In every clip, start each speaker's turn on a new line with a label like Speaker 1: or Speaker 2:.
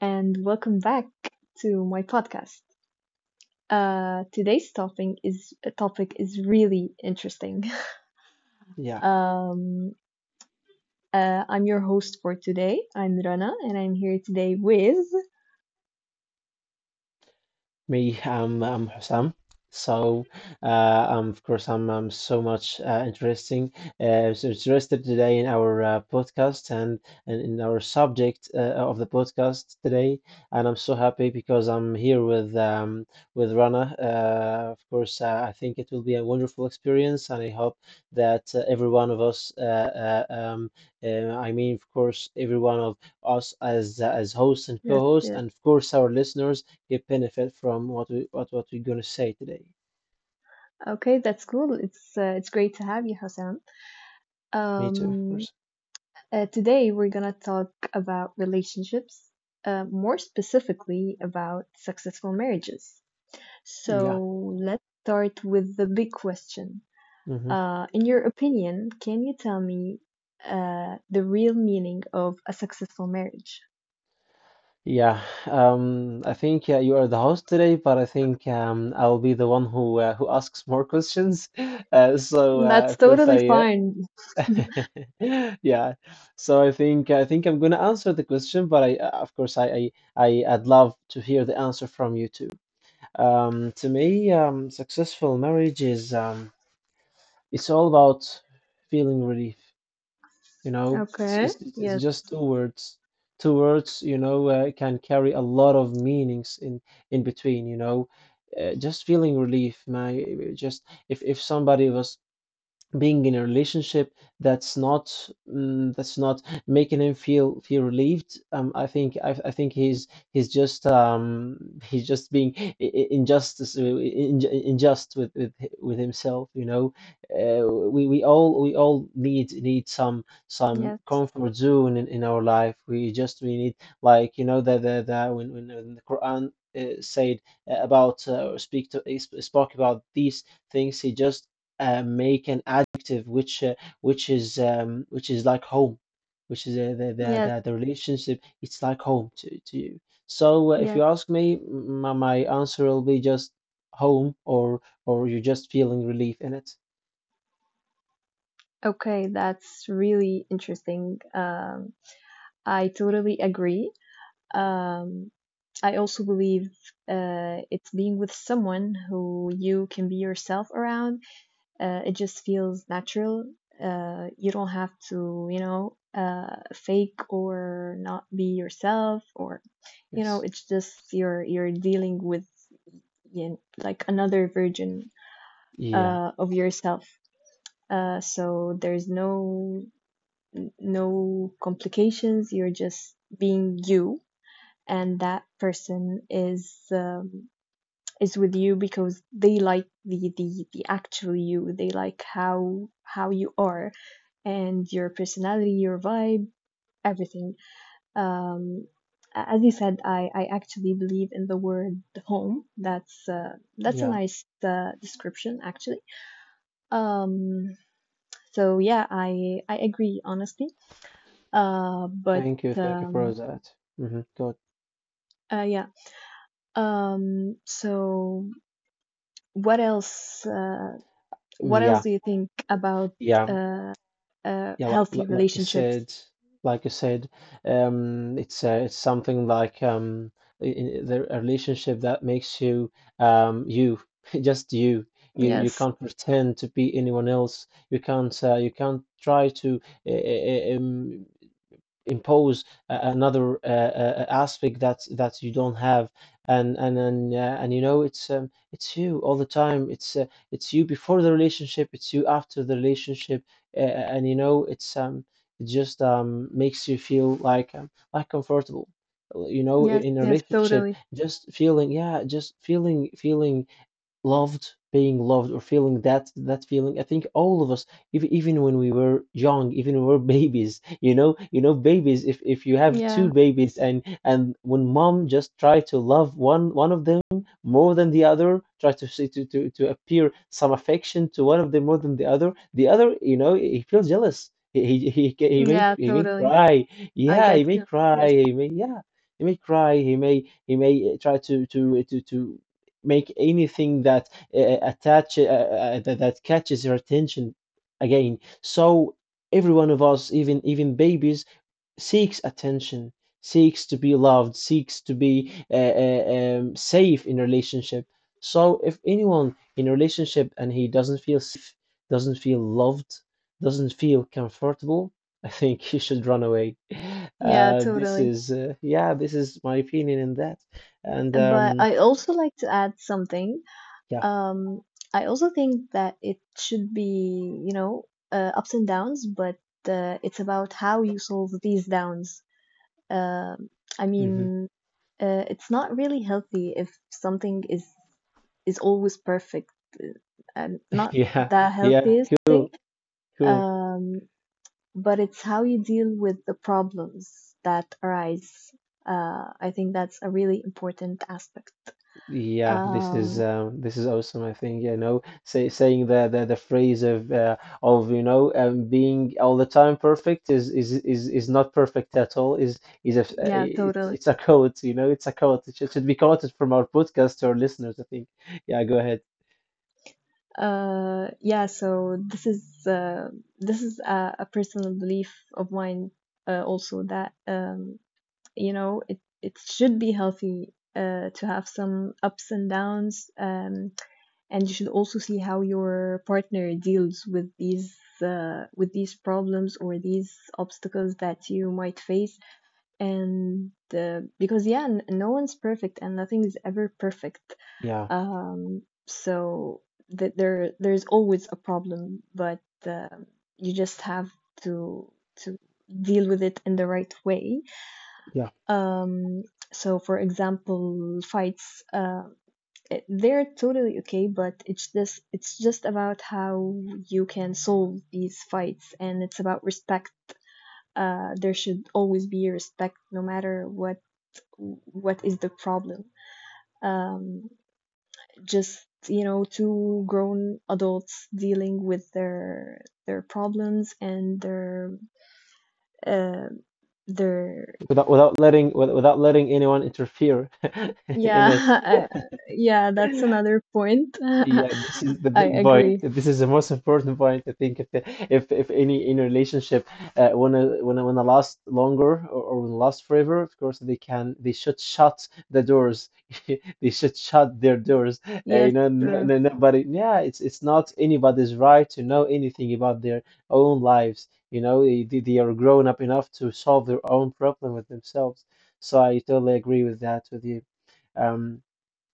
Speaker 1: and welcome back to my podcast. Today's topic is really interesting.
Speaker 2: Yeah,
Speaker 1: Um, I'm your host for today. I'm Rana, and I'm here today with.
Speaker 2: me, I'm Hussam. So, of course, I'm so much interesting, so interested today in our podcast, and in our subject of the podcast today. And I'm so happy because I'm here with with Rana. Of course, I think it will be a wonderful experience, and I hope that every one of us, I mean, of course, every one of us as as hosts and
Speaker 1: Yes,
Speaker 2: co-hosts, and of course, our listeners they benefit from what we're gonna say today.
Speaker 1: Okay, that's cool. It's great to have you, Hassan.
Speaker 2: Me too, of
Speaker 1: Um,
Speaker 2: course.
Speaker 1: today we're gonna talk about relationships, more specifically about successful marriages. So
Speaker 2: Yeah.
Speaker 1: let's start with the big question.
Speaker 2: hmm
Speaker 1: In your opinion, can you tell me the real meaning of a successful marriage?
Speaker 2: Yeah. I think you are the host today, but I think I'll be the one who asks more questions. So,
Speaker 1: That's
Speaker 2: of course
Speaker 1: totally
Speaker 2: I,
Speaker 1: fine.
Speaker 2: uh, yeah. So I think I'm gonna answer the question, but I, of course, I'd love to hear the answer from you too. To me, successful marriage is it's all about feeling relief. You know, it's,
Speaker 1: Okay.
Speaker 2: it's, it's
Speaker 1: Yes,
Speaker 2: just two words. Two words, can carry a lot of meanings in between. Just feeling relief, my just if somebody was being in a relationship that's not that's not making him feel relieved, I think he's just being injustice, unjust with himself. We we all need some
Speaker 1: yes,
Speaker 2: comfort zone in our life. We need, like, you know that when the quran said, about, spoke about these things, he just make an adjective, which is like home, which is the, the
Speaker 1: yes,
Speaker 2: the the relationship. It's like home to you. So, if
Speaker 1: yes.
Speaker 2: you ask me, my answer will be just home, or you're just feeling relief in it.
Speaker 1: Okay, that's really interesting. I totally agree. Um, I also believe it's being with someone who you can be yourself around. It just feels natural. You don't have to fake or not be yourself, or
Speaker 2: Yes.
Speaker 1: it's just you're dealing with, like another version
Speaker 2: Yeah.
Speaker 1: of yourself. So there's no complications. You're just being you, and that person is with you because they like the actual you. They like how you are, and your personality, your vibe, everything. Um, as you said, I actually believe in the word home. That's a
Speaker 2: Yeah.
Speaker 1: nice description actually. Um, so yeah, I agree honestly. But
Speaker 2: Thank you. Thank you for
Speaker 1: um,
Speaker 2: that. Mm-hmm. Good.
Speaker 1: yeah. So what else?
Speaker 2: Mm,
Speaker 1: What else
Speaker 2: yeah.
Speaker 1: do you think about
Speaker 2: Yeah.
Speaker 1: uh,
Speaker 2: Yeah, like
Speaker 1: healthy
Speaker 2: like I
Speaker 1: relationships?
Speaker 2: said, like I said, it's, it's something like, I- the a relationship that makes you, just you. You
Speaker 1: Yes,
Speaker 2: can't pretend to be anyone else. You can't try to, uh, impose another, aspect that you don't have, and you know it's you all the time. It's you before the relationship, it's you after the relationship, and you know it just makes you feel like comfortable, you know,
Speaker 1: yes,
Speaker 2: in a
Speaker 1: yes,
Speaker 2: relationship.
Speaker 1: totally.
Speaker 2: Just feeling, yeah, just feeling loved, being loved, or feeling that feeling. I think all of us, if, even when we were young, even when we were babies, babies. If you have two
Speaker 1: Yeah,
Speaker 2: babies, and when mom just try to love one of them more than the other, try to see to appear some affection to one of them more than the other, the other, he feels jealous. He he he, ca- he may
Speaker 1: yeah,
Speaker 2: he may
Speaker 1: totally.
Speaker 2: cry.
Speaker 1: I
Speaker 2: Yeah, he
Speaker 1: get
Speaker 2: may
Speaker 1: you.
Speaker 2: cry.
Speaker 1: Yes.
Speaker 2: He may. Yeah. He may cry. He may try to make anything that, that catches your attention again. So every one of us, even babies, seeks attention, seeks to be loved, seeks to be, safe in relationship. So if anyone in a relationship and he doesn't feel safe, doesn't feel loved, doesn't feel comfortable, I think he should run away.
Speaker 1: Yeah,
Speaker 2: This
Speaker 1: totally.
Speaker 2: is, yeah, this is my opinion in that. And
Speaker 1: But I also like to add something.
Speaker 2: yeah.
Speaker 1: Um, I also think that it should be, ups and downs, but it's about how you solve these downs. Um, I
Speaker 2: Mhm.
Speaker 1: mean, it's not really healthy if something is always perfect. Uh, And not
Speaker 2: Yeah,
Speaker 1: the
Speaker 2: yeah,
Speaker 1: healthiest thing.
Speaker 2: cool, cool.
Speaker 1: Um, but it's how you deal with the problems that arise. I think that's a really important aspect.
Speaker 2: Yeah, this is
Speaker 1: Um,
Speaker 2: um, this is awesome. I think, saying the phrase, of being all the time perfect is not perfect at all. Is a
Speaker 1: yeah, totally.
Speaker 2: it's a quote. It's a quote. It should be quoted from our podcast to our listeners, I think. Yeah, go ahead.
Speaker 1: Yeah, so this is a personal belief of mine also that, it should be healthy to have some ups and downs. And you should also see how your partner deals with these problems or these obstacles that you might face. And because yeah, no one's perfect and nothing is ever perfect,
Speaker 2: Yeah,
Speaker 1: um so that there's always a problem. But uh, you just have to to deal with it in the right way.
Speaker 2: yeah.
Speaker 1: um so for example, fights, they're totally okay, but it's just about how you can solve these fights. And it's about respect. There should always be respect, no matter what is the problem. um just, two grown adults dealing with their problems and their, uh, their
Speaker 2: Without letting anyone interfere in
Speaker 1: yeah
Speaker 2: it.
Speaker 1: uh, yeah, that's another point. I
Speaker 2: Yeah, this is the big point.
Speaker 1: agree.
Speaker 2: This is the most important point. I think if the, if any relationship, wanna last longer, or wanna last forever, of course they should shut the doors. They should shut their doors.
Speaker 1: Yes,
Speaker 2: No,
Speaker 1: true.
Speaker 2: no, nobody. Yeah, it's not anybody's right to know anything about their own lives. They are grown up enough to solve their own problem with themselves. So I totally agree with that with you. Um,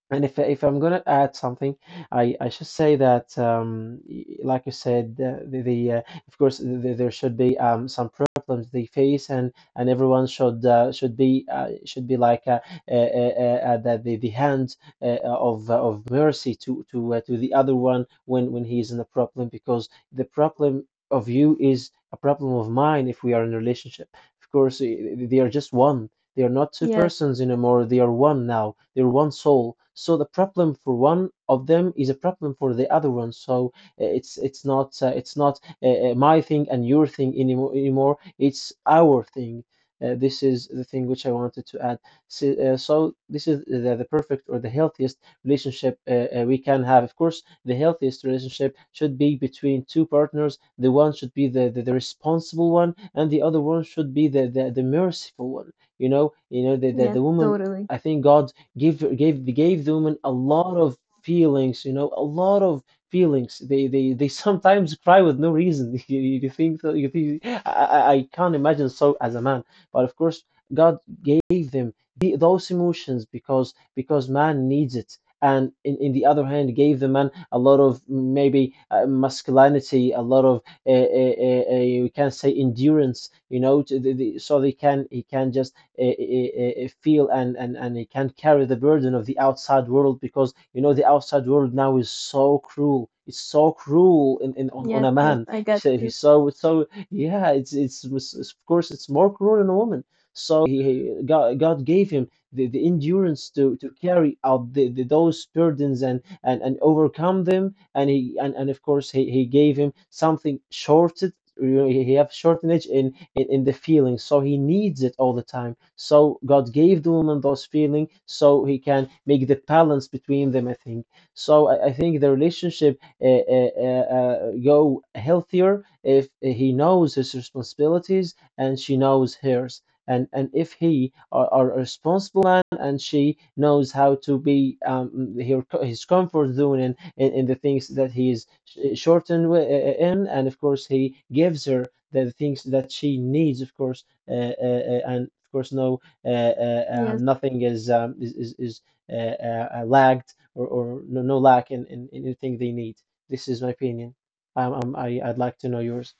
Speaker 2: and if I'm gonna add something, I should say that, like you said, the of course, there should be, some problems they face, and everyone should be like, the hand of mercy to the other one when he is in a problem, because the problem of you is a problem of mine if we are in a relationship. Of course, they are just one. They are not two
Speaker 1: Yes.
Speaker 2: persons anymore, they are one now. They're one soul. So the problem for one of them is a problem for the other one. So, it's not my thing and your thing anymore. It's our thing. This is the thing which I wanted to add. So, this is the perfect or the healthiest relationship, we can have. Of course, the healthiest relationship should be between two partners. The one should be the responsible one, and the other one should be the merciful one. You know that the,
Speaker 1: Yes,
Speaker 2: the woman,
Speaker 1: totally.
Speaker 2: I think God gave the woman a lot of feelings. A lot of feelings. They sometimes cry with no reason. You think so? You think I can't imagine so as a man. But of course, God gave them those emotions, because man needs it. And, in the other hand, gave the man a lot of, maybe, masculinity, a lot of, we can say, to so they can he can just, feel, and he can't carry the burden of the outside world, because you know the outside world now is so cruel. It's so cruel on
Speaker 1: Yes,
Speaker 2: a
Speaker 1: yes,
Speaker 2: man.
Speaker 1: I got
Speaker 2: So
Speaker 1: to.
Speaker 2: he's yeah, it's of course it's more cruel in a woman. So God gave him the endurance to carry out the those burdens, and overcome them, and of course he gave him something shorted. He have shortage in the feeling, so he needs it all the time, so God gave the woman those feelings so he can make the balance between them, I think. So I think the relationship, go healthier if he knows his responsibilities and she knows hers. And if he are a responsible man, and she knows how to be, his comfort zone in the things that he is shortened in, and of course he gives her the things that she needs. Of course, and of course, no,
Speaker 1: Yes.
Speaker 2: nothing is lagged, or no lack in anything they need. This is my opinion. I'd like to know yours.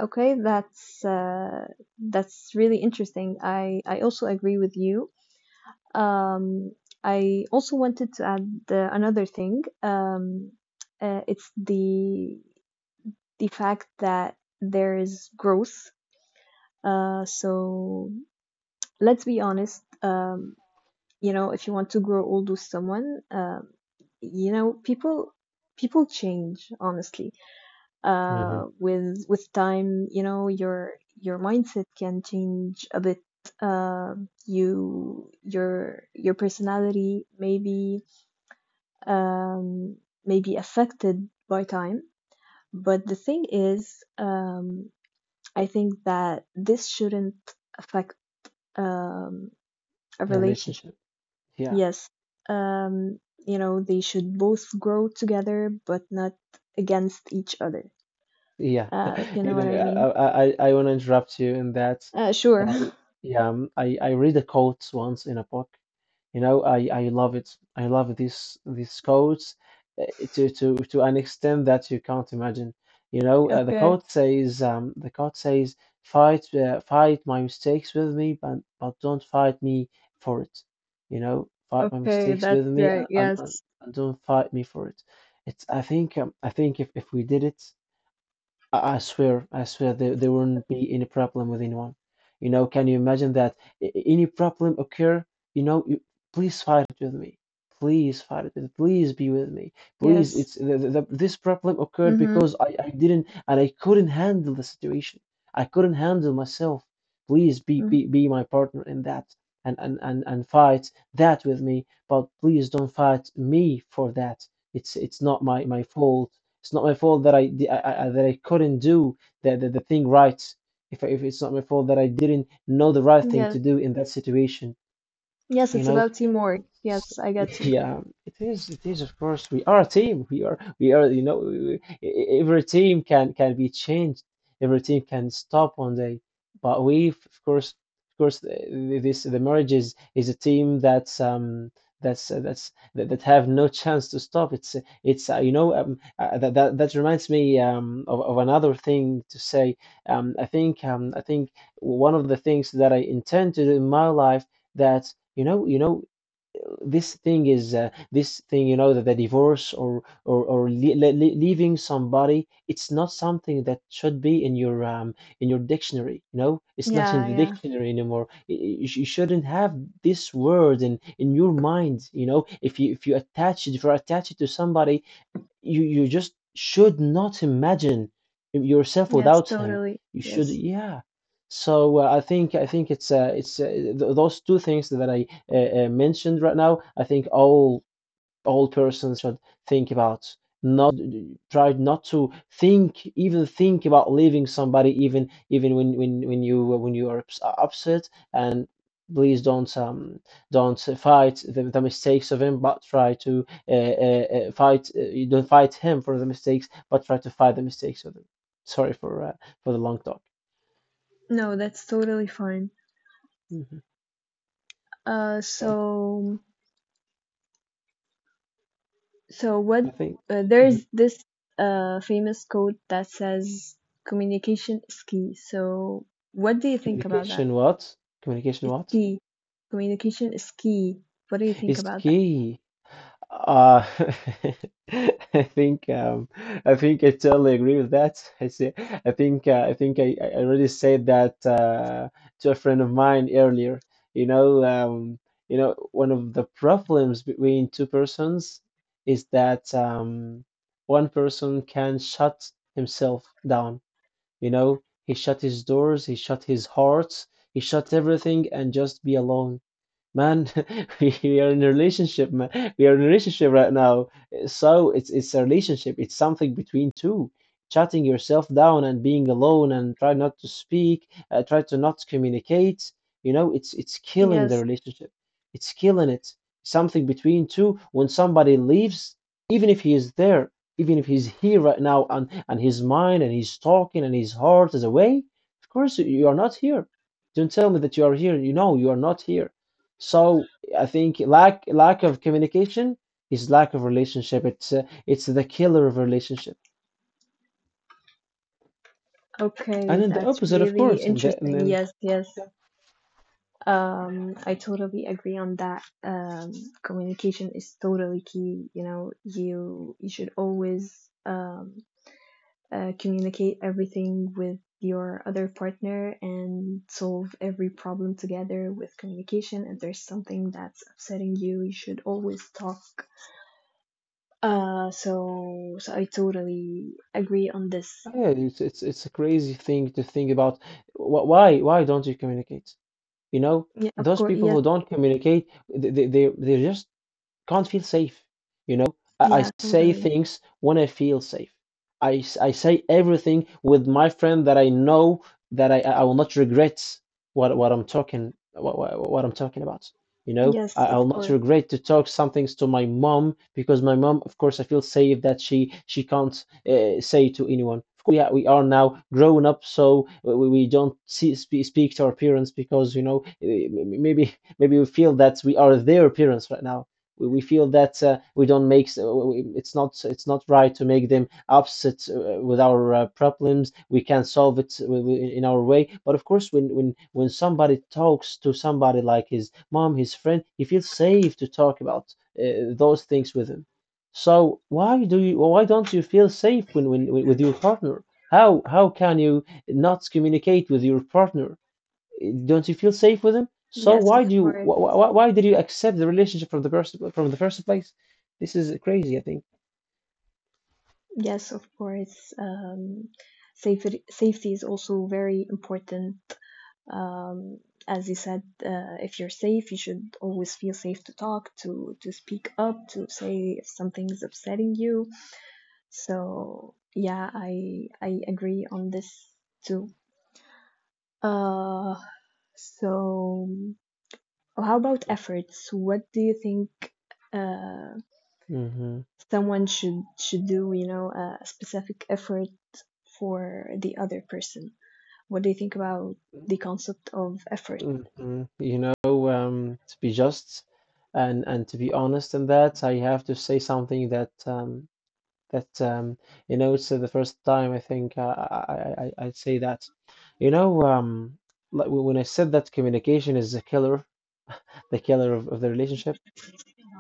Speaker 1: Okay, that's really interesting. I also agree with you. Um, I also wanted to add another thing. It's the fact that there is growth. So let's be honest. If you want to grow old with someone, you know, people people change, honestly,
Speaker 2: Hmm.
Speaker 1: with time. Your mindset can change a bit. uh, your personality um, may be affected by time. But the thing is, I think that this shouldn't affect um, a
Speaker 2: The
Speaker 1: relationship.
Speaker 2: relationship. Yeah.
Speaker 1: Yes, um, they should both grow together, but not against each other,
Speaker 2: Yeah.
Speaker 1: if you
Speaker 2: You
Speaker 1: know what
Speaker 2: know,
Speaker 1: I mean.
Speaker 2: I want to interrupt you in that.
Speaker 1: uh, sure
Speaker 2: Uh, yeah. I read a quote once in a book. I love it. I love these codes, uh, to an extent that you can't imagine. The
Speaker 1: Okay,
Speaker 2: code says fight my mistakes with me, but don't fight me for it. Fight my
Speaker 1: okay,
Speaker 2: mistakes
Speaker 1: that's
Speaker 2: with me,
Speaker 1: great.
Speaker 2: and and, and
Speaker 1: Yes,
Speaker 2: and don't fight me for it. It's I think if we did it, I swear, there wouldn't be any problem with anyone. Can you imagine that, any problem occur? You, please fight it with me. Please fight it with Please be with me. Please,
Speaker 1: yes.
Speaker 2: it's the- this problem occurred
Speaker 1: Mm-hmm.
Speaker 2: because I didn't and I couldn't handle the situation. I couldn't handle myself. Please be
Speaker 1: mm
Speaker 2: be, be my partner in that and fight that with me. But please don't fight me for that. It's not my fault. It's not my fault that I, di- I that I couldn't do the thing right. If it's not my fault that I didn't know the right thing
Speaker 1: Yes,
Speaker 2: to do in that situation,
Speaker 1: yes,
Speaker 2: you
Speaker 1: it's
Speaker 2: know.
Speaker 1: about teamwork. Yes, I get you.
Speaker 2: Yeah, it is. It is, of course. We are a team. We are. We are. E every team can be changed. Every team can stop one day. But we, of course, th- this the marriage is a team that have no chance to stop. It's you know that that that reminds me of another thing to say. I think one of the things that I intend to do in my life, that you know this thing is, this thing, that the divorce or leaving somebody, it's not something that should be in your, in your dictionary. It's not in
Speaker 1: Yeah,
Speaker 2: the
Speaker 1: yeah.
Speaker 2: dictionary anymore. You shouldn't have this word in your mind. If you, if you attach it to somebody, you just should not imagine yourself
Speaker 1: Yes,
Speaker 2: without him.
Speaker 1: totally.
Speaker 2: You should,
Speaker 1: Yes.
Speaker 2: yeah. So I think it's th those two things that I, mentioned right now, I think all persons should think about. Not try not to think, even think about leaving somebody, even when you are upset. And please don't fight the mistakes of him, but try to, fight. You don't fight him for the mistakes, but try to fight the mistakes of him. Sorry for the long talk.
Speaker 1: No, that's totally fine.
Speaker 2: Mhm.
Speaker 1: Uh,
Speaker 2: So
Speaker 1: so, what?
Speaker 2: I think,
Speaker 1: There's
Speaker 2: mhm,
Speaker 1: this famous quote that says communication is key. So, what do you think about that?
Speaker 2: communication what communication
Speaker 1: It's
Speaker 2: what
Speaker 1: key. Communication is key. What do you think
Speaker 2: is
Speaker 1: about that?
Speaker 2: key. Uh, I think um, I think I totally agree with that. I say, I think I already said that, to a friend of mine earlier. You know, um, One of the problems between two persons is that, one person can shut himself down. He shut his doors, he shut his heart, he shut everything, and just be alone, man. We are in a relationship, man. We are in a relationship right now, so it's a relationship. It's something between two. Shutting yourself down and being alone and try not to speak, try to not communicate, it's killing the
Speaker 1: Yes.
Speaker 2: relationship. It's killing it, something between two, when somebody leaves, even if he is there, even if he's here right now, and his mind, and he's talking and his heart is away. Of course you are not here. Don't tell me that you are here. You are not here. So I think lack of communication is lack of relationship. It's the killer of relationship. And
Speaker 1: Okay,
Speaker 2: then the
Speaker 1: that's
Speaker 2: opposite, of
Speaker 1: really
Speaker 2: course. And, the, and
Speaker 1: interesting.
Speaker 2: then
Speaker 1: Yes, yes.
Speaker 2: yeah,
Speaker 1: I totally agree on that. Communication is totally key. You should always um, communicate everything with your other partner and solve every problem together with communication. If there's something that's upsetting you, you should always talk. I totally agree on this.
Speaker 2: yeah, it's a crazy thing to think about. Why don't you communicate? You know,
Speaker 1: Yeah, of
Speaker 2: those
Speaker 1: course.
Speaker 2: people
Speaker 1: Yes,
Speaker 2: who don't communicate, they they're just can't feel safe. I
Speaker 1: yeah,
Speaker 2: say
Speaker 1: totally.
Speaker 2: things when I feel safe. I say everything with my friend that I know that I will not regret what I'm talking about.
Speaker 1: Yes,
Speaker 2: I will
Speaker 1: of
Speaker 2: not
Speaker 1: course.
Speaker 2: regret to talk some things to my mom because my mom, of course, I feel safe that she can't, say to anyone. Of course, we are now grown up, so we don't speak to our parents because maybe we feel that we are their parents right now. We feel that, we don't make s- it's not right to make them upset, with our, problems. We can solve it in our way. But of course, when somebody talks to somebody like his mom, his friend, he feels safe to talk about, those things with him. So why don't you feel safe when with your partner? How can you not communicate with your partner? Don't you feel safe with him? So
Speaker 1: Yes,
Speaker 2: why do
Speaker 1: of
Speaker 2: you
Speaker 1: course.
Speaker 2: why did you accept the relationship from the first, place? This is crazy, I think.
Speaker 1: Yes, of course. Safety, is also very important. Um, as you said, if you're safe, you should always feel safe to talk, to speak up, to say if something is upsetting you. So yeah, I agree on this too. Uh, so how about efforts? What do you think uh,
Speaker 2: Hmm.
Speaker 1: someone should do? A specific effort for the other person. What do you think about the concept of effort?
Speaker 2: Hmm. To be just and to be honest in that, I have to say something, that that you know, it's the first time, I think, I say that. You know, um, like when I said that communication is the killer of the relationship,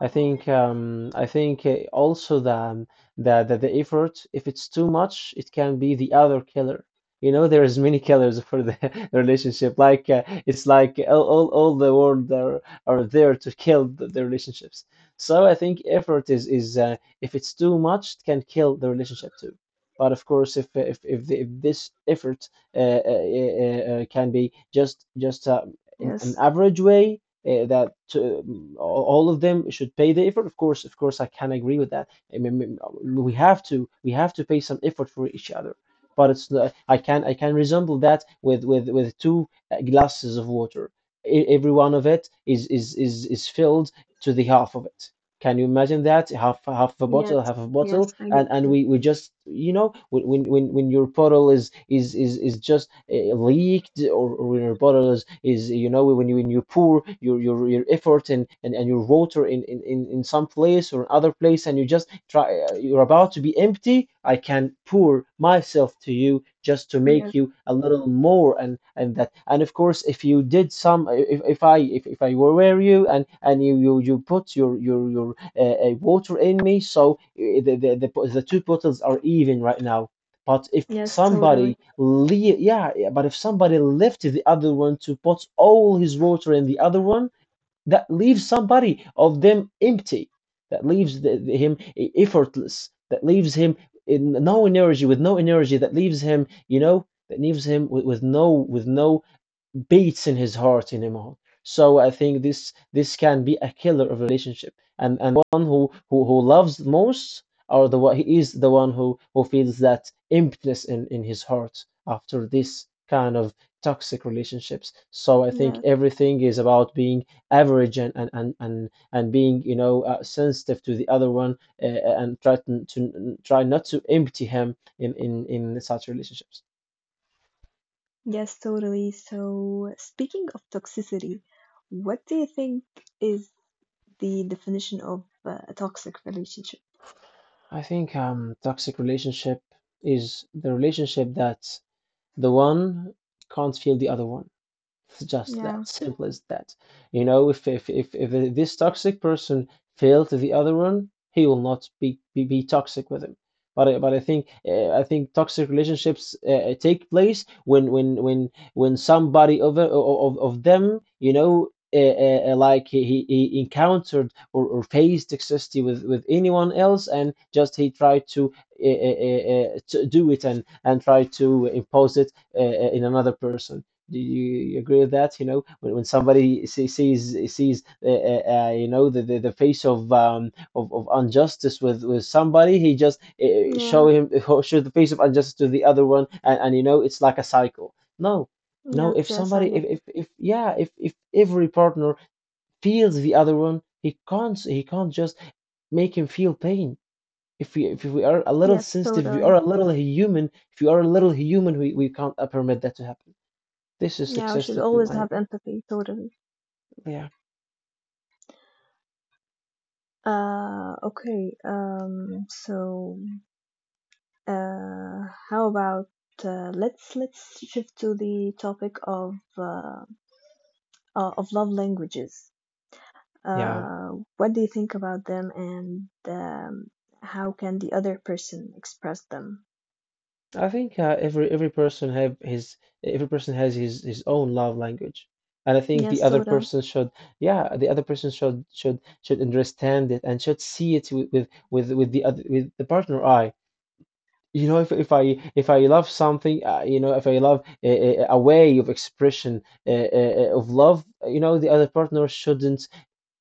Speaker 2: I think also the effort, if it's too much, it can be the other killer. There is many killers for the relationship. It's like all the world are there to kill the relationships. So I think effort is if it's too much, it can kill the relationship too. But of course, if this effort, can be just in an
Speaker 1: Yes,
Speaker 2: average way that all of them should pay the effort. Of course, I can agree with that. I mean, we have to pay some effort for each other. But it's not — I can resemble that with two, glasses of water. Every one of it is filled to the half of it. Can you imagine that? Half a
Speaker 1: Yes,
Speaker 2: bottle, half a bottle,
Speaker 1: yes, I get
Speaker 2: and
Speaker 1: you.
Speaker 2: we just, when your bottle is just, leaked, or when your bottle is when you pour your effort in and your water in some place or other place, and you just try, you're about to be empty. I can pour myself to you just to make
Speaker 1: Yes,
Speaker 2: you a little more. And of course, if you did some if I were you, and you put your water in me, so, the two bottles are even right now. But if
Speaker 1: yes, totally.
Speaker 2: somebody leave — yeah, yeah, but if somebody left the other one to put all his water in the other one, that leaves somebody of them empty, that leaves him effortless, that leaves him in no energy, with no energy, that leaves him, that leaves him with no beats in his heart anymore. So I think this can be a killer of a relationship, and one who loves most, or the one he is — the one who feels that emptiness in his heart after this kind of toxic relationships. So I think
Speaker 1: Yes.
Speaker 2: everything is about being average and being, sensitive to the other one, and try to try not to empty him in such relationships.
Speaker 1: Yes, totally. So, speaking of toxicity, what do you think is the definition of a toxic relationship?
Speaker 2: I think toxic relationship is the relationship that the one can't feel the other one. It's just
Speaker 1: Yeah,
Speaker 2: that simple as that. If this toxic person failed the other one, he will not be toxic with him. But I think toxic relationships, take place when somebody of them, uh, uh, uh, like he, he he encountered or faced toxicity with anyone else, and just he tried to, uh, uh, uh, to do it, and try to impose it, in another person. Do you agree with that? When somebody sees the face of, of injustice with somebody, he just,
Speaker 1: yeah,
Speaker 2: show him show the face of injustice to the other one, and it's like a cycle. No, no.
Speaker 1: yes,
Speaker 2: If
Speaker 1: yes, I
Speaker 2: somebody,
Speaker 1: get it.
Speaker 2: if Yeah, if every partner feels the other one, he can't just make him feel pain. If we are a
Speaker 1: Yes,
Speaker 2: little
Speaker 1: Yeah.
Speaker 2: sensitive, if we are
Speaker 1: totally.
Speaker 2: a little human, if we are a little human, we can't permit that to happen. This is
Speaker 1: Yeah, we
Speaker 2: success
Speaker 1: should
Speaker 2: to
Speaker 1: always
Speaker 2: my,
Speaker 1: have empathy, totally.
Speaker 2: yeah,
Speaker 1: Okay. How about let's shift to the topic of love languages.
Speaker 2: yeah.
Speaker 1: Uh, what do you think about them, and how can the other person express them?
Speaker 2: I think every person have his every person has his own love language, and I think the
Speaker 1: Yes,
Speaker 2: other
Speaker 1: totally.
Speaker 2: person should, yeah, the other person should understand it and should see it with with the other, with the partner eye. You know, if I love something, you know, if I love a way of expression of love, you know, the other partner shouldn't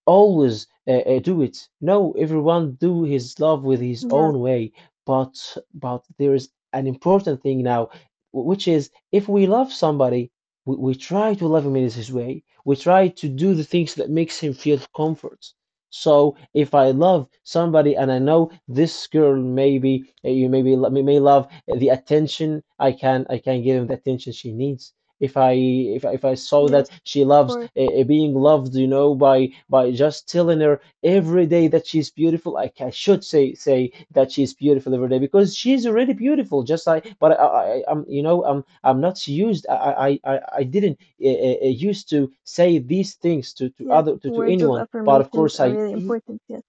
Speaker 2: always do it. No, everyone do his love with his
Speaker 1: Yes,
Speaker 2: own way. But there is an important thing now, which is if we love somebody, we try to love him in his way. We try to do the things that makes him feel comfort. So if I love somebody and I know this girl maybe you maybe may love the attention, I can, I can give him the attention she needs. If if I saw
Speaker 1: yes,
Speaker 2: that she
Speaker 1: of
Speaker 2: loves
Speaker 1: course.
Speaker 2: being loved, you know, by just telling her every day that she's beautiful, I should say that she's beautiful every day because she's already beautiful. Just like, but I'm, you know, I'm not used. I didn't used to say these things to
Speaker 1: Yes,
Speaker 2: to
Speaker 1: words of
Speaker 2: anyone. But of
Speaker 1: affirmations
Speaker 2: course,
Speaker 1: are
Speaker 2: I,
Speaker 1: really important. Yes.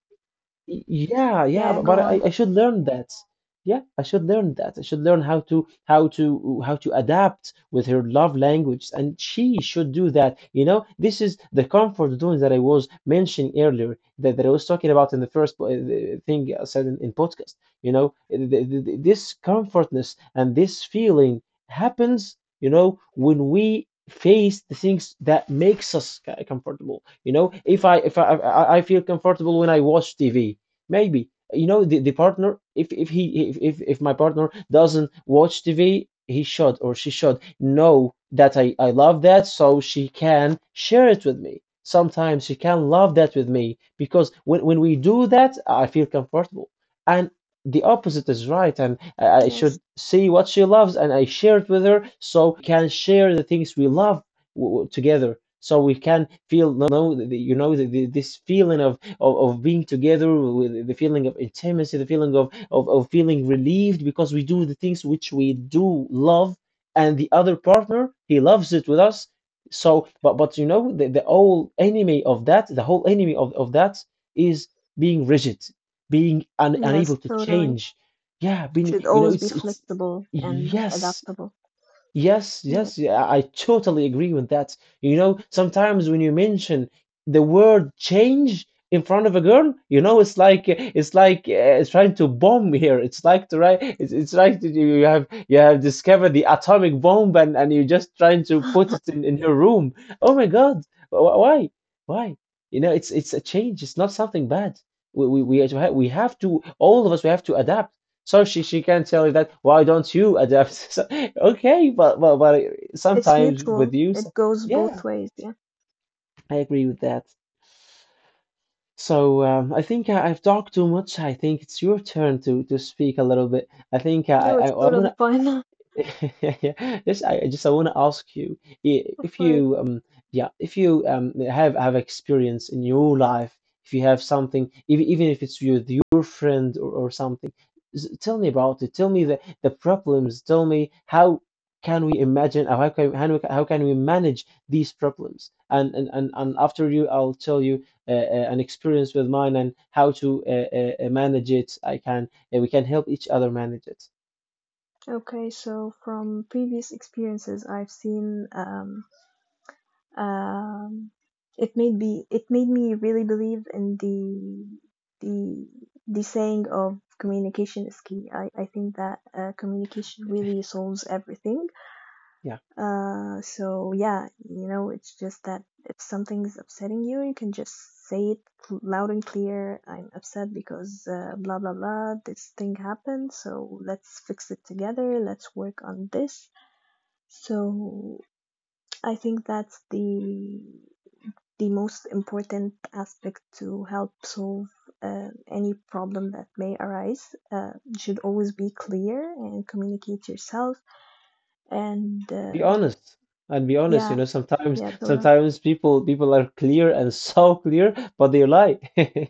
Speaker 2: Yeah, yeah,
Speaker 1: Yeah,
Speaker 2: but,
Speaker 1: go on.
Speaker 2: I should learn that. Yeah, I should learn that. I should learn how to how to adapt with her love language, and she should do that. You know, this is the comfort zone that I was mentioning earlier, that I was talking about in the first thing I said in podcast. You know, this comfortness and this feeling happens, you know, when we face the things that makes us comfortable. You know, if I I feel comfortable when I watch TV. Maybe you know the partner. If if my partner doesn't watch TV, he should or she should know that I love that, so she can share it with me. Sometimes she can love that with me, because when we do that, I feel comfortable. And the opposite is right, and I should
Speaker 1: Yes,
Speaker 2: see what she loves and I share it with her, so we can share the things we love together, so we can feel, no, the, you know, the, this feeling of of being together, with the feeling of intimacy, the feeling of, feeling relieved, because we do the things which we do love and the other partner he loves it with us. So but you know, the whole enemy of that, the whole enemy of, that is being rigid, being
Speaker 1: yes,
Speaker 2: unable to
Speaker 1: totally.
Speaker 2: change, yeah, being,
Speaker 1: Should
Speaker 2: you know,
Speaker 1: always be
Speaker 2: it's,
Speaker 1: flexible and
Speaker 2: yes.
Speaker 1: adaptable.
Speaker 2: Yes,
Speaker 1: Yes.
Speaker 2: yes, yeah, I totally agree with that. You know, sometimes when you mention the word change in front of a girl, you know, it's like, it's trying to bomb here. It's like to, right, it's like that you have, you have discovered the atomic bomb and you're just trying to put it in her room. Oh my God, why, why? You know, it's a change. It's not something bad. We have, we have to, all of us, we have to adapt. So she can tell you that, why don't you adapt? Okay, but
Speaker 1: It's
Speaker 2: sometimes with
Speaker 1: mutual.
Speaker 2: you,
Speaker 1: It goes
Speaker 2: yeah,
Speaker 1: both ways. Yeah.
Speaker 2: I agree with that. So I think I've talked too much. I think it's your turn to speak a little bit. I think
Speaker 1: No, it's
Speaker 2: I
Speaker 1: totally
Speaker 2: want.
Speaker 1: fine.
Speaker 2: Yeah, yes, I want to ask you,
Speaker 1: Of
Speaker 2: if you
Speaker 1: course.
Speaker 2: yeah, if you have, experience in your life, if you have something, even, even if it's with your friend, or something, tell me about it, tell me the problems, tell me how can we imagine, or how can, how can we manage these problems, and and after you I'll tell you an experience with mine and how to manage it. I can, we can help each other manage it,
Speaker 1: Okay, so from previous experiences, I've seen, um, it made me, really believe in the the saying of communication is key. I think that communication really solves everything.
Speaker 2: yeah.
Speaker 1: So yeah, it's just that if something's upsetting you, you can just say it loud and clear. I'm upset because blah blah blah. This thing happened, so let's fix it together. Let's work on this. So I think that's the most important aspect to help solve any problem that may arise. It should always be clear and communicate yourself. And
Speaker 2: Be honest, and be honest, you
Speaker 1: yeah,
Speaker 2: know. Sometimes,
Speaker 1: yeah, totally.
Speaker 2: people, people are clear and so clear, but they lie.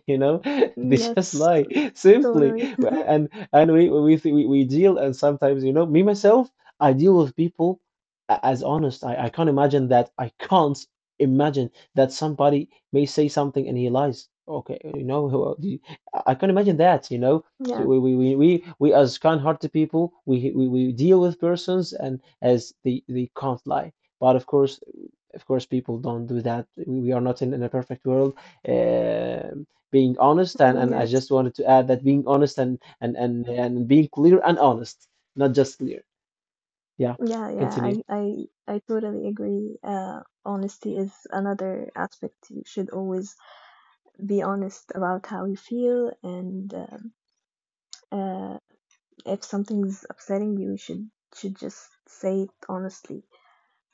Speaker 2: you know,
Speaker 1: Mm,
Speaker 2: they just
Speaker 1: Yes,
Speaker 2: lie, simply.
Speaker 1: totally.
Speaker 2: And we we deal, and sometimes, you know, me myself, I deal with people as honest. I can't imagine that, I can't imagine that somebody may say something and he lies. Okay, you know, I can't imagine that, you know. So
Speaker 1: Yes,
Speaker 2: we as kind-hearted people, we deal with persons and as they can't lie. But of course, people don't do that. We are not in, in a perfect world. Um, being honest,
Speaker 1: mm,
Speaker 2: and I
Speaker 1: yes,
Speaker 2: just wanted to add that, being honest and, and being clear and honest, not just clear. Yeah,
Speaker 1: yeah, yeah.
Speaker 2: continue.
Speaker 1: I totally agree. Honesty is another aspect. You should always be honest about how you feel, and uh, if something's upsetting you, you should just say it honestly,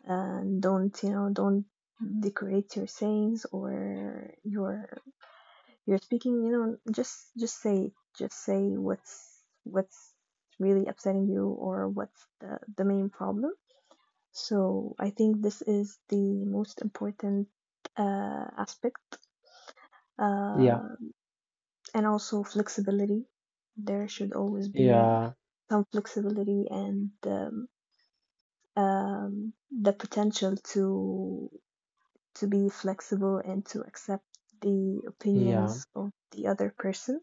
Speaker 1: and don't, don't decorate your sayings or your you're speaking, just just say what's really upsetting you, or what's the main problem. So I think this is the most important aspect,
Speaker 2: Yeah,
Speaker 1: uh, and also flexibility. There should always be
Speaker 2: yeah,
Speaker 1: some flexibility and the potential to be flexible and to accept the
Speaker 2: yeah.
Speaker 1: opinions of the other person.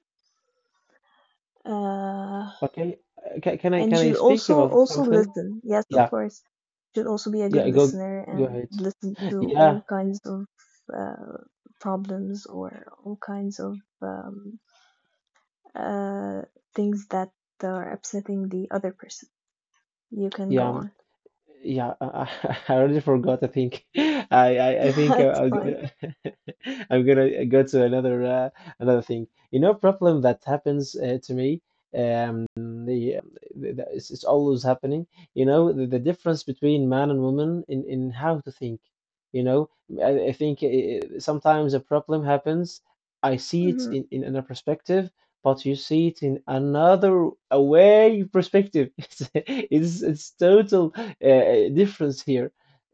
Speaker 1: Uh,
Speaker 2: Okay, can I,
Speaker 1: And you
Speaker 2: can I
Speaker 1: should
Speaker 2: speak about
Speaker 1: also
Speaker 2: something?
Speaker 1: listen. Yes, of
Speaker 2: Yeah,
Speaker 1: course. You should also be a good
Speaker 2: yeah. Go,
Speaker 1: listener
Speaker 2: go
Speaker 1: and
Speaker 2: ahead.
Speaker 1: listen to
Speaker 2: Yeah,
Speaker 1: all kinds of uh, problems, or all kinds of um, uh, things that are upsetting the other person. You can go
Speaker 2: yeah.
Speaker 1: on.
Speaker 2: Yeah, I I already forgot. I think I think
Speaker 1: That's
Speaker 2: I'm
Speaker 1: fine.
Speaker 2: gonna, I'm gonna go to another, another thing. You know, problem that happens to me. The, it's always happening. You know, the difference between man and woman in how to think. You know, I think sometimes a problem happens. I see it
Speaker 1: hmm
Speaker 2: in another perspective. But you see it in another away perspective. It's, it's total difference here.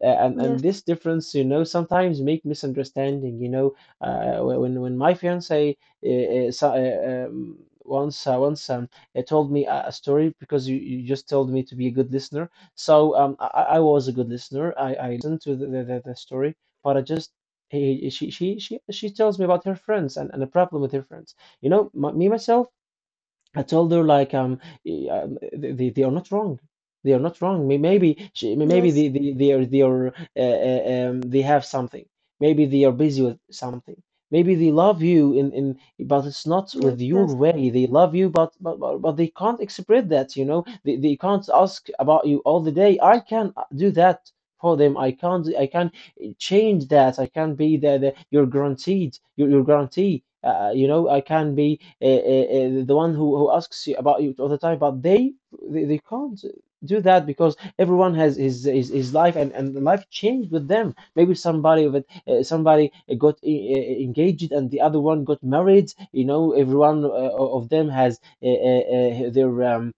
Speaker 2: And
Speaker 1: Yes,
Speaker 2: this difference, you know, sometimes make misunderstanding. You know, when my fiance, uh, uh, so, uh, um, once, told me a story, because you just told me to be a good listener. So I was a good listener. I listened to the the story, but she she tells me about her friends and a problem with her friends. You know, my, me myself, I told her like, they are not wrong. They are not wrong. Maybe she, maybe
Speaker 1: yes,
Speaker 2: they are, they are they have something. Maybe they are busy with something. Maybe they love you in but it's not
Speaker 1: yes,
Speaker 2: with your
Speaker 1: yes,
Speaker 2: way. They love you, but but they can't express that. You know, they can't ask about you all the day. I can, do that for them. I can't I can change that. I can be the, your guaranteed, your, your guarantee. You know, I can be, the one who asks you about you all the time, but they can't do that because everyone has his life, and life changed with them. Maybe somebody of it, somebody got engaged and the other one got married. You know, everyone of them has, their,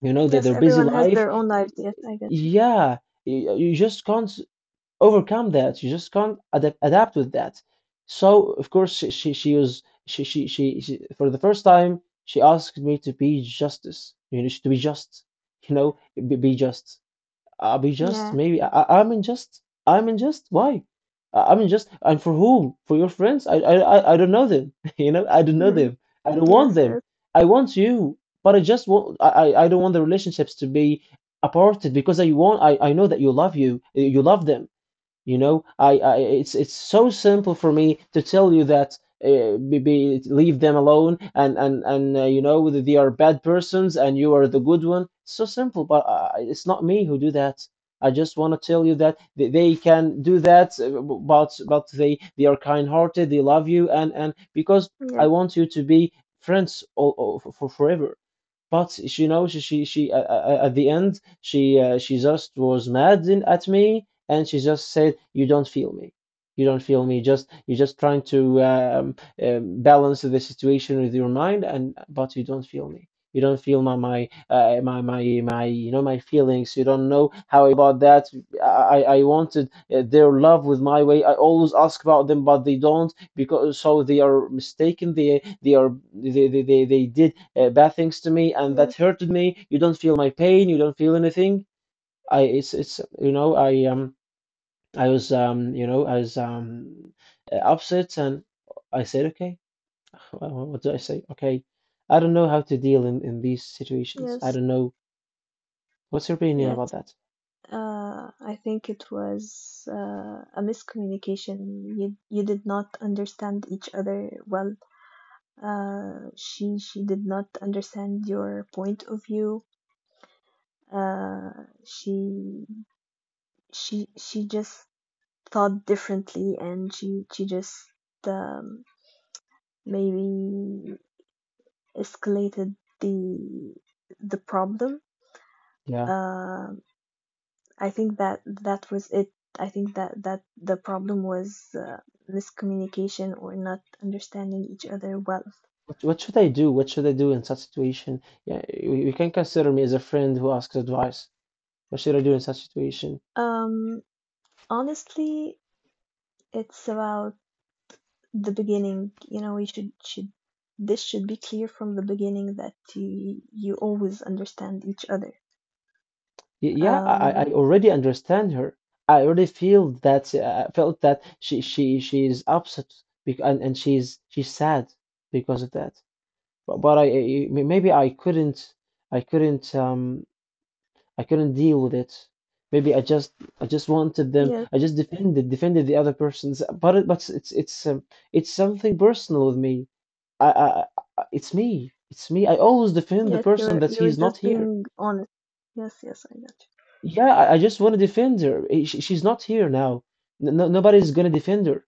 Speaker 2: you know,
Speaker 1: yes.
Speaker 2: their busy
Speaker 1: Everyone has
Speaker 2: life.
Speaker 1: their own lives. Yes, I get you.
Speaker 2: Yeah, you just can't overcome that. You just can't adapt with that. So, of course, she was, she for the first time, she asked me to be justice. You know, to be just. You know, be just. I'll be just.
Speaker 1: Yeah.
Speaker 2: Maybe I'm unjust. I'm unjust. Why? I'm unjust. And for whom? For your friends? I don't know them. You know, I don't know them. I don't want
Speaker 1: yes,
Speaker 2: them.
Speaker 1: yes,
Speaker 2: I want you. But I just want. I don't want the relationships to be aparted because I want. I know that you You love them. You know, I it's so simple for me to tell you that, leave them alone, and you know, that they are bad persons and you are the good one. So simple. But it's not me who do that. I just want to tell you that they can do that, but they are kind-hearted, they love you, and because I
Speaker 1: yes,
Speaker 2: want you to be friends all, for forever. But she knows, she at the end she, she just was mad in, at me, and she just said, you don't feel me. You don't feel me. Just you're just trying to balance the situation with your mind, and but you don't feel me. You don't feel my my feelings. You don't know how about that. I wanted their love with my way. I always ask about them, but they don't because so they are mistaken. They are they did bad things to me, and
Speaker 1: yes,
Speaker 2: that hurted me. You don't feel my pain. You don't feel anything. I I was upset, and I said okay. What did I say? Okay, I don't know how to deal in these situations. I
Speaker 1: yes,
Speaker 2: don't know. What's your opinion
Speaker 1: yes.
Speaker 2: about that?
Speaker 1: I think it was a miscommunication. You did not understand each other well. She did not understand your point of view. Uh, she she just thought differently, and she just um, maybe escalated the problem.
Speaker 2: Yeah.
Speaker 1: Uh, I think that was it. I think that the problem was miscommunication or not understanding each other well.
Speaker 2: What should I do? What should I do in such situation? Yeah, you can consider me as a friend who asks advice. What should I do in such situation?
Speaker 1: Um, honestly, it's about the beginning. You know, we should this should be clear from the beginning, that you always understand each other.
Speaker 2: Yeah, I
Speaker 1: Um,
Speaker 2: already understand her. I already feel that felt that she is upset bec and she's sad because of that. But maybe I couldn't um I couldn't deal with it. Maybe I just wanted them.
Speaker 1: yes,
Speaker 2: I just defended the other person's. But it, but it's something personal with me. I, I it's me. It's me. I always defend
Speaker 1: yes,
Speaker 2: the person
Speaker 1: you're
Speaker 2: that he's
Speaker 1: just
Speaker 2: not here.
Speaker 1: being honest. Yes, yes, I got you.
Speaker 2: Yeah, I just want to defend her. She's not here now. Nobody's gonna defend her.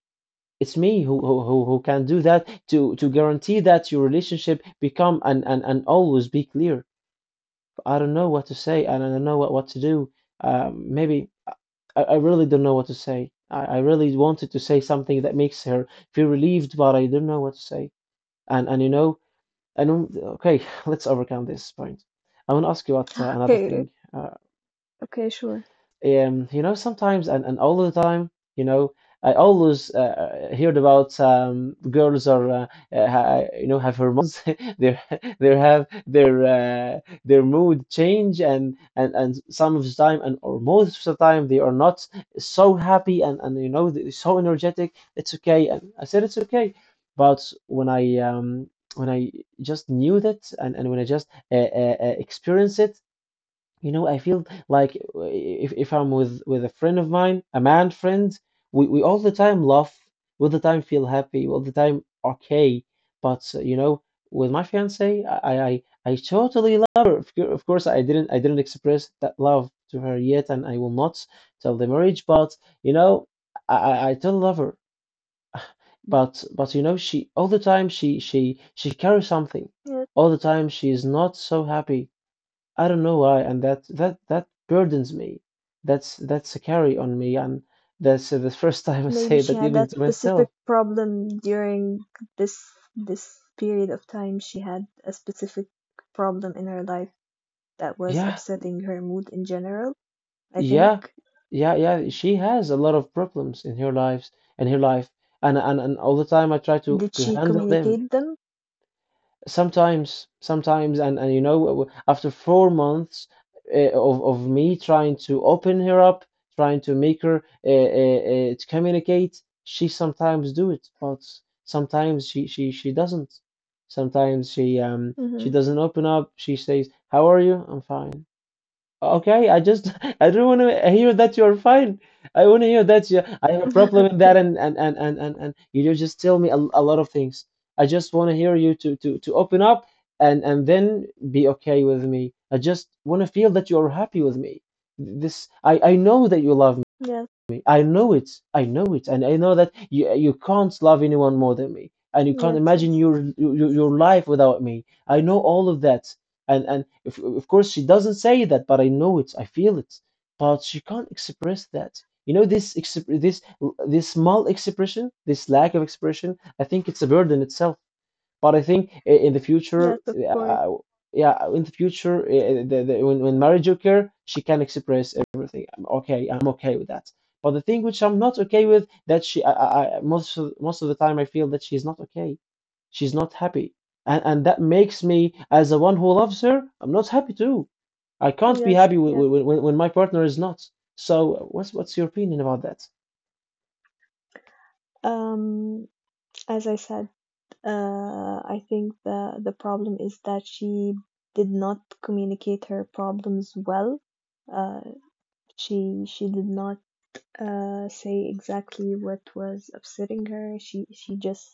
Speaker 2: It's me who can do that to guarantee that your relationship become and always be clear. I don't know what to say, and I don't know what to do. Maybe I really don't know what to say. I really wanted to say something that makes her feel relieved, but I don't know what to say. And and um, okay, let's overcome this point. I want to ask you about another
Speaker 1: Okay,
Speaker 2: thing. Uh,
Speaker 1: okay, sure.
Speaker 2: So, um, you know, sometimes, and all the time, I always heard about girls are, have hormones. They they have their mood change, and some of the time, and or most of the time, they are not so happy and so energetic. It's okay, and I said it's okay. But when I um when I just knew that, and when I just experienced it, I feel like if I'm with a friend of mine, a man friend, we all the time laugh, we all the time feel happy, we all the time okay. But with my fiance, I totally love her. Of course, I didn't express that love to her yet, and I will not till the marriage. But you know, I totally love her. But she all the time she carries something.
Speaker 1: Yes.
Speaker 2: All the time she is not so happy. I don't know why, and that burdens me. That's a carry on me, and that's the first time I
Speaker 1: Maybe
Speaker 2: say
Speaker 1: she
Speaker 2: that
Speaker 1: had
Speaker 2: even
Speaker 1: that
Speaker 2: to
Speaker 1: specific
Speaker 2: myself.
Speaker 1: problem during this this period of time. She had a specific problem in her life that was
Speaker 2: Yeah,
Speaker 1: upsetting her mood in general. I think.
Speaker 2: yeah, yeah, yeah. She has a lot of problems in her life, and all the time I try to
Speaker 1: Did
Speaker 2: to
Speaker 1: she
Speaker 2: handle them.
Speaker 1: communicate them?
Speaker 2: Sometimes, and you know w- after 4 months of me trying to open her up, trying to make her to communicate, she sometimes do it, but sometimes she doesn't. Sometimes she um
Speaker 1: Mm-hmm.
Speaker 2: she doesn't open up. She says, how are you? I'm fine. Okay, I just I don't want to hear that you're fine. I want to hear that you, I have a problem with
Speaker 1: Okay.
Speaker 2: that, and you just tell me a lot of things. I just want to hear you to open up and then be okay with me. I just want to feel that you're happy with me. This I know that you love
Speaker 1: Yes,
Speaker 2: me. I know it. I know it, and I know that you can't love anyone more than me, and you can't
Speaker 1: yes,
Speaker 2: imagine
Speaker 1: yes,
Speaker 2: your life without me. I know all of that, and if, of course, she doesn't say that, but I know it. I feel it, but she can't express that. This this small expression, this lack of expression, I think it's a burden itself. But in the
Speaker 1: yes,
Speaker 2: future,
Speaker 1: of course.
Speaker 2: yeah, in the future, when, Mary Joker, she can express everything. I'm okay. I'm okay with that. But the thing which I'm not okay with, that she, most of the time, I feel that she's not okay. She's not happy, and that makes me, as the one who loves her, I'm not happy too. I can't be
Speaker 1: Yes,
Speaker 2: happy when,
Speaker 1: yes.
Speaker 2: when, when when my partner is not. So what's your opinion about that?
Speaker 1: Um, as I said, I think the problem is that she did not communicate her problems well. Uh, she did not say exactly what was upsetting her.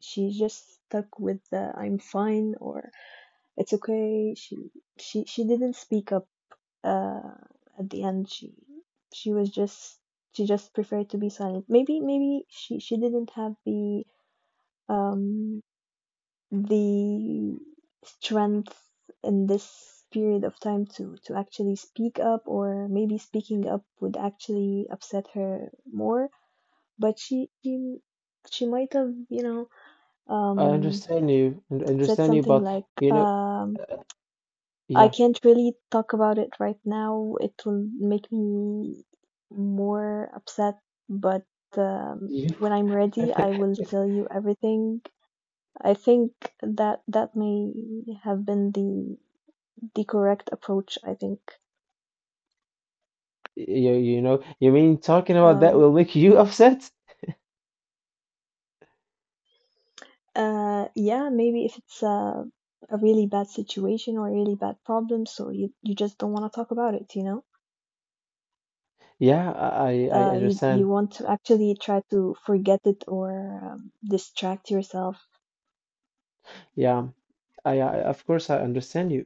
Speaker 1: She just stuck with the I'm fine or it's okay. She didn't speak up uh, at the end. She was just she just preferred to be silent. Maybe she didn't have um the strength in this period of time to actually speak up. Or maybe speaking up would actually upset her more, but she might have,
Speaker 2: I
Speaker 1: um
Speaker 2: understand you, and
Speaker 1: said
Speaker 2: understand you,
Speaker 1: something
Speaker 2: but
Speaker 1: like, I
Speaker 2: yeah,
Speaker 1: can't really talk about it right now. It will make me more upset, but
Speaker 2: you.
Speaker 1: when I'm ready, I will tell you everything. I think that may have been the correct approach. I think.
Speaker 2: You you mean talking about that
Speaker 1: Um,
Speaker 2: will make you upset?
Speaker 1: yeah, maybe if it's a really bad situation or a really bad problem, so you just don't want to talk about it,
Speaker 2: Yeah, I
Speaker 1: you
Speaker 2: understand.
Speaker 1: want to actually try to forget it or distract yourself.
Speaker 2: Yeah, I of course I understand you.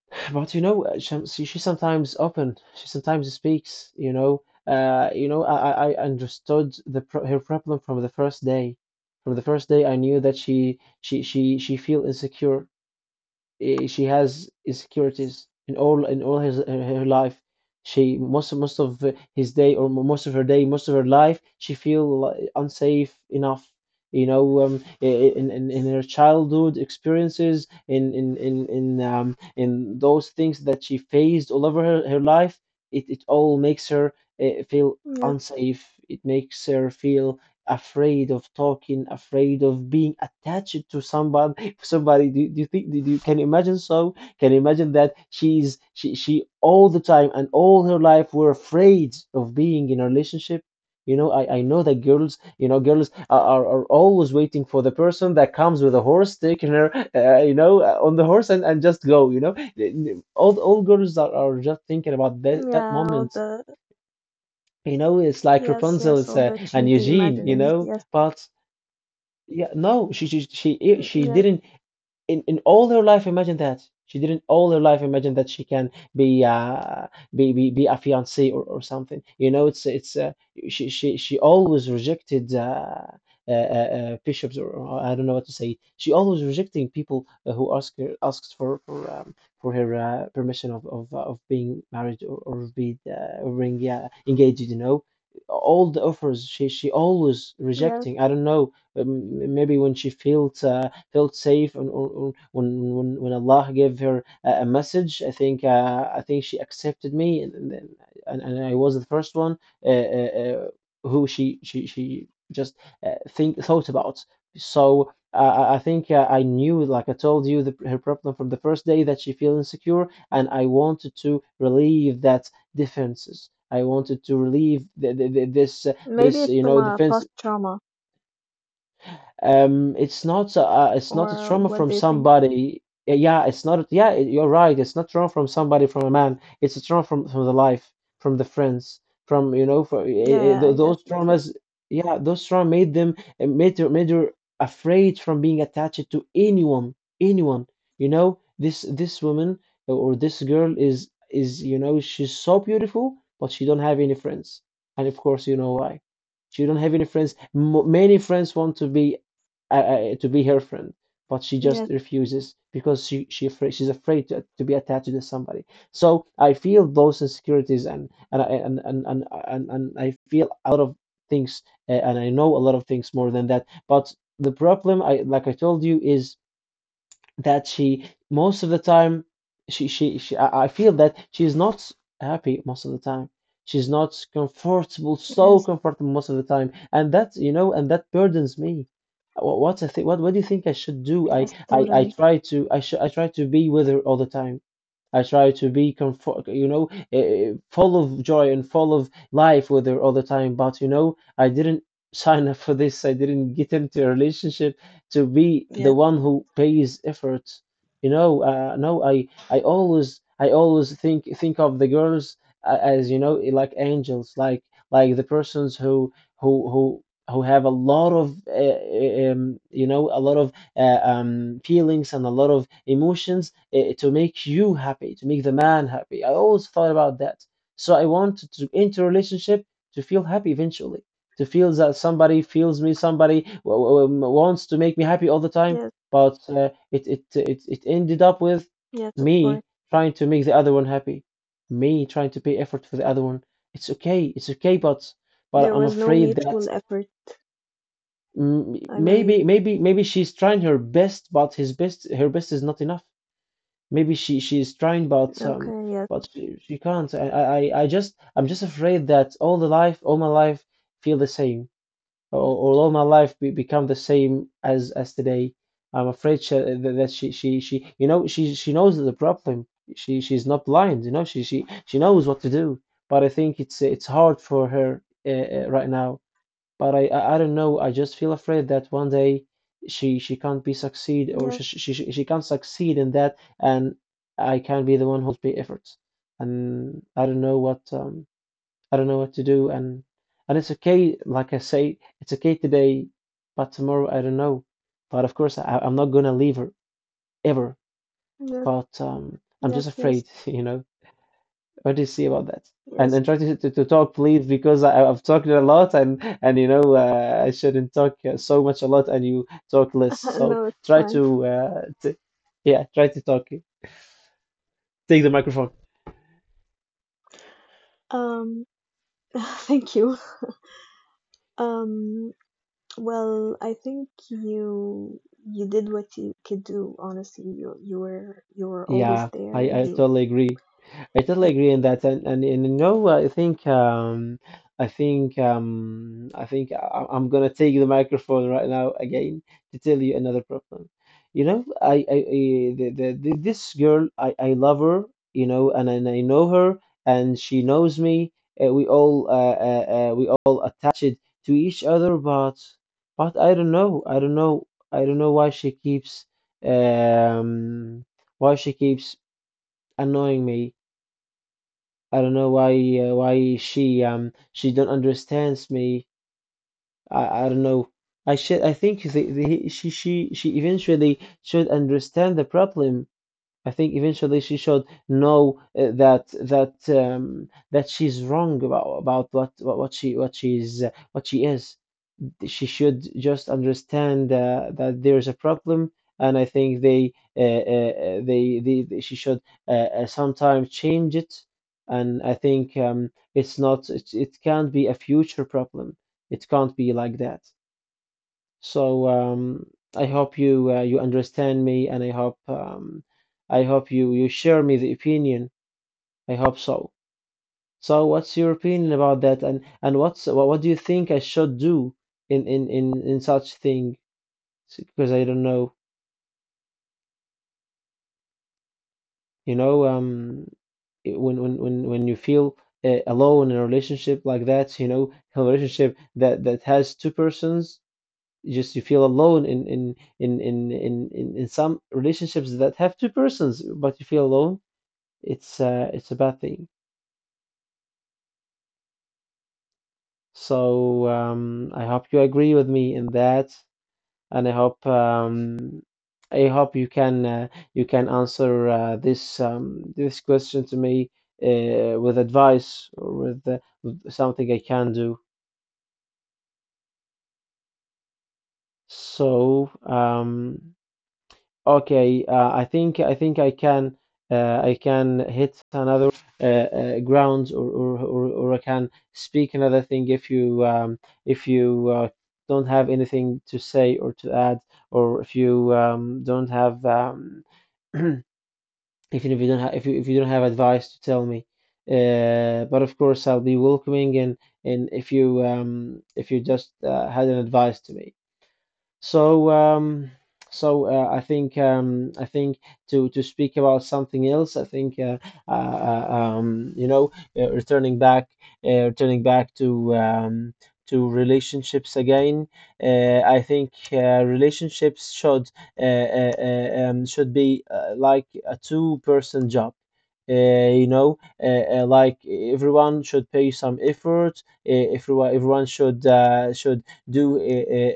Speaker 2: But she sometimes open, she sometimes speaks. I understood the pro her problem from the first day. From the first day, I knew that she feel insecure. She has insecurities in all her life. She, most most of his day or most of her life, she feel unsafe enough. In her childhood experiences, in those things that she faced all over her life, it all makes her feel
Speaker 1: Yes,
Speaker 2: unsafe. It makes her feel afraid of talking, afraid of being attached to someone somebody. Do, do you think do you Can you imagine that she all the time and all her life were afraid of being in a relationship? I know that girls, girls are always waiting for the person that comes with a horse, taking her, on the horse, and just go. All girls are just thinking about that
Speaker 1: yeah, all
Speaker 2: moment.
Speaker 1: the
Speaker 2: It's like
Speaker 1: yes,
Speaker 2: Rapunzel,
Speaker 1: yes, all the
Speaker 2: and
Speaker 1: cheesy
Speaker 2: Eugene,
Speaker 1: imaginings. Yes,
Speaker 2: but yeah, no, she she she
Speaker 1: mm,
Speaker 2: she
Speaker 1: yes,
Speaker 2: didn't in all her life imagine that, she didn't all her life imagine that she can be be a fiancée, or something. It's She always rejected bishops, or I don't know what to say. She always rejecting people, who asks for for her permission of being married, or being, engaged. All the offers, she always
Speaker 1: yes.
Speaker 2: rejecting. I don't know. Maybe when she feels felt safe, or when Allah gave her a message, I think, I think she accepted me, and I was the first one, uh, uh, uh, who she just think thought about. So I knew, like I told you, her problem from the first day, that she feel insecure, and I wanted to relieve that defenses. I wanted to relieve the, this
Speaker 1: Maybe
Speaker 2: this
Speaker 1: it's from a
Speaker 2: defense.
Speaker 1: past trauma,
Speaker 2: It's not a
Speaker 1: or
Speaker 2: trauma
Speaker 1: what
Speaker 2: from
Speaker 1: do you think?
Speaker 2: somebody. Yeah, yeah, it's not. Yeah, you're right. It's not trauma from somebody, from a man. It's a trauma from the life, from the friends, from you know, for
Speaker 1: Yeah,
Speaker 2: eh, eh,
Speaker 1: yeah,
Speaker 2: tho-
Speaker 1: I got
Speaker 2: those
Speaker 1: it. Yeah,
Speaker 2: traumas. Yeah, those trauma made them eh, made her afraid from being attached to anyone, anyone. You know, this woman, or this girl, is you know she's so beautiful, but she don't have any friends, and of course you know why. She don't have any friends. M many friends want to be her friend, but she just
Speaker 1: yes,
Speaker 2: refuses because she's afraid to be attached to somebody. So I feel those insecurities, and I feel a lot of things, and I know a lot of things more than that. But the problem, I like I told you, is that she most of the time she I feel that she's not happy most of the time, she's not comfortable so
Speaker 1: yes,
Speaker 2: comfortable most of the time, and that you know and that burdens me. What do you think I should do? I
Speaker 1: yes,
Speaker 2: I, I
Speaker 1: totally.
Speaker 2: try to I should I try to be with her all the time. I try to be comfort, full of joy and full of life with her all the time. But you know, I didn't sign up for this. I didn't get into a relationship to be the
Speaker 1: Yes,
Speaker 2: one who pays effort. You know, no, I always, I always think of the girls as you know, like angels, like like the persons who who who who have a lot of you know, a lot of feelings and a lot of emotions to make you happy, to make the man happy. I always thought about that. So I wanted to enter a relationship to feel happy, eventually to feel that somebody feels me, somebody wants to make me happy all the time.
Speaker 1: yes,
Speaker 2: But it ended up with
Speaker 1: yes, of course.
Speaker 2: me trying to make the other one happy, me trying to pay effort for the other one. It's okay, but
Speaker 1: There
Speaker 2: I'm
Speaker 1: was no
Speaker 2: afraid that
Speaker 1: mutual effort,
Speaker 2: mm,
Speaker 1: I believe.
Speaker 2: maybe maybe maybe she's trying her best, but his best her best is not enough. Maybe she is trying,
Speaker 1: Okay, yes,
Speaker 2: but she can't. I just I'm just afraid that all the life, all my life, feel the same, or all my life become the same as today. I'm afraid she, that she you know, she knows the problem. She's not blind, you know. She knows what to do. But I think it's hard for her right now. But I don't know. I just feel afraid that one day she can't be succeed, or
Speaker 1: yes,
Speaker 2: she can't succeed in that, and I can not be the one who's pay efforts. And I don't know what I don't know what to do, and it's okay. Like I say, it's okay today, but tomorrow I don't know. But of course, I'm not gonna leave her ever.
Speaker 1: yes,
Speaker 2: But I'm
Speaker 1: yes,
Speaker 2: just
Speaker 1: yes,
Speaker 2: afraid, you know. What do you see about that?
Speaker 1: yes.
Speaker 2: And try to to talk, please, because I've talked a lot, and you know, I shouldn't talk so much a lot, and you talk less. So
Speaker 1: No, it's
Speaker 2: try
Speaker 1: fine.
Speaker 2: to t yeah, try to talk. Take the microphone.
Speaker 1: Um, thank you. Um, well, I think you did what you could do, honestly. You were always
Speaker 2: Yeah,
Speaker 1: there.
Speaker 2: I
Speaker 1: You
Speaker 2: totally agree. I totally agree in that, and, you know, I think I think I think I'm gonna take the microphone right now again to tell you another problem. You know, I the, this girl, I love her, you know, and I know her, and she knows me. We all attached to each other, but I don't know, I don't know, I don't know um why she keeps annoying me. I don't know why she don't understands me. I don't know. I think she she eventually should understand the problem. I think eventually she should know that that she's wrong about what what she what she's what she is she should just understand that there is a problem, and I think they she should uh, sometimes change it. And I think it's not it can't be a future problem. It can't be like that. So I hope you understand me, and I hope you share me the opinion. I hope so. So what's your opinion about that, and what's what do you think I should do in such thing? Because I don't know, you know, it- when you feel alone in a relationship like that, you know, a relationship that has two persons, just you feel alone in in some relationships that have two persons, but you feel alone. It's a bad thing. So I hope you agree with me in that, and I hope you can answer this this question to me with advice or with with something I can do. So okay, I think I can hit another ground, or I can speak another thing if you don't have anything to say or to add, or if you don't have Even if you don't have, if you don't have advice to tell me, but of course I'll be welcoming, and if you just had an advice to me. So I think to speak about something else, I think you know, uh, returning back, returning back to relationships again. I think relationships should be like a two-person job. You know, like everyone should pay some effort. Everyone, everyone should do uh,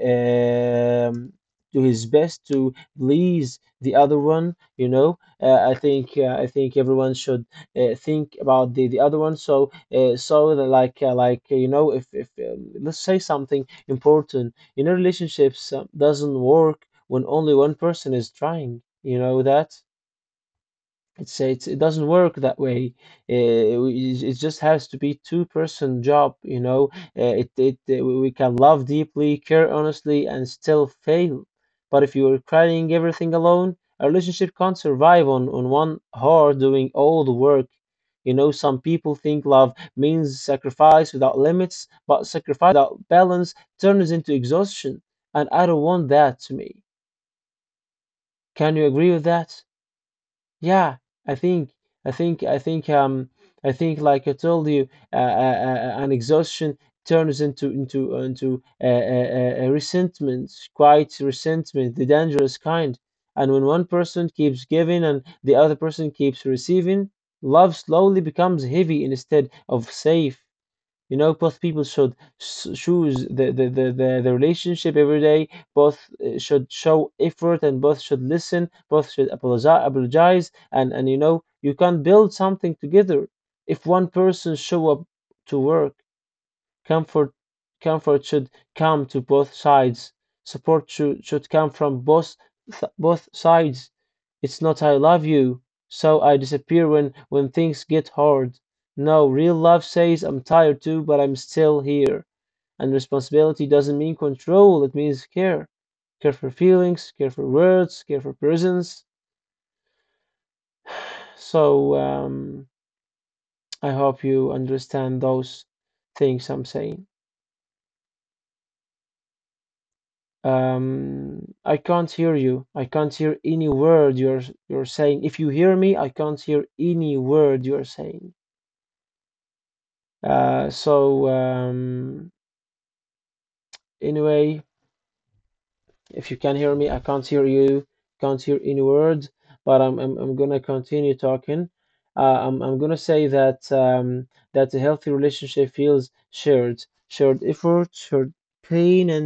Speaker 2: um, do his best to please the other one. You know, I think everyone should think about the other one. So so that like you know, if let's say something important, you know, relationships doesn't work when only one person is trying. You know that it doesn't work that way. It just has to be two-person job, you know. It it we can love deeply, care honestly, and still fail. But if you are carrying everything alone, a relationship can't survive on one heart doing all the work. You know, some people think love means sacrifice without limits, but sacrifice without balance turns into exhaustion, and I don't want that to me. Can you agree with that? Yeah, I think, I think, I think, um, I think, like I told you, an exhaustion turns into resentment, quite resentment, the dangerous kind. And when one person keeps giving and the other person keeps receiving, love slowly becomes heavy instead of safe. You know, both people should choose the, the relationship every day. Both should show effort, and both should listen. Both should apologize, apologize. And you know, you can build something together if one person show up to work. Comfort, should come to both sides. Support should come from both both sides. It's not I love you, so I disappear when things get hard. No, real love says I'm tired too, but I'm still here. And responsibility doesn't mean control, it means care. Care for feelings, care for words, care for presence. So I hope you understand those things I'm saying. I can't hear you. I can't hear any word you're saying. If you hear me, I can't hear any word you're saying. Uh, so um, anyway, if you can hear me, I can't hear you. Can't hear any word. But I'm gonna continue talking. I'm gonna say that that a healthy relationship feels shared, shared effort, shared pain, and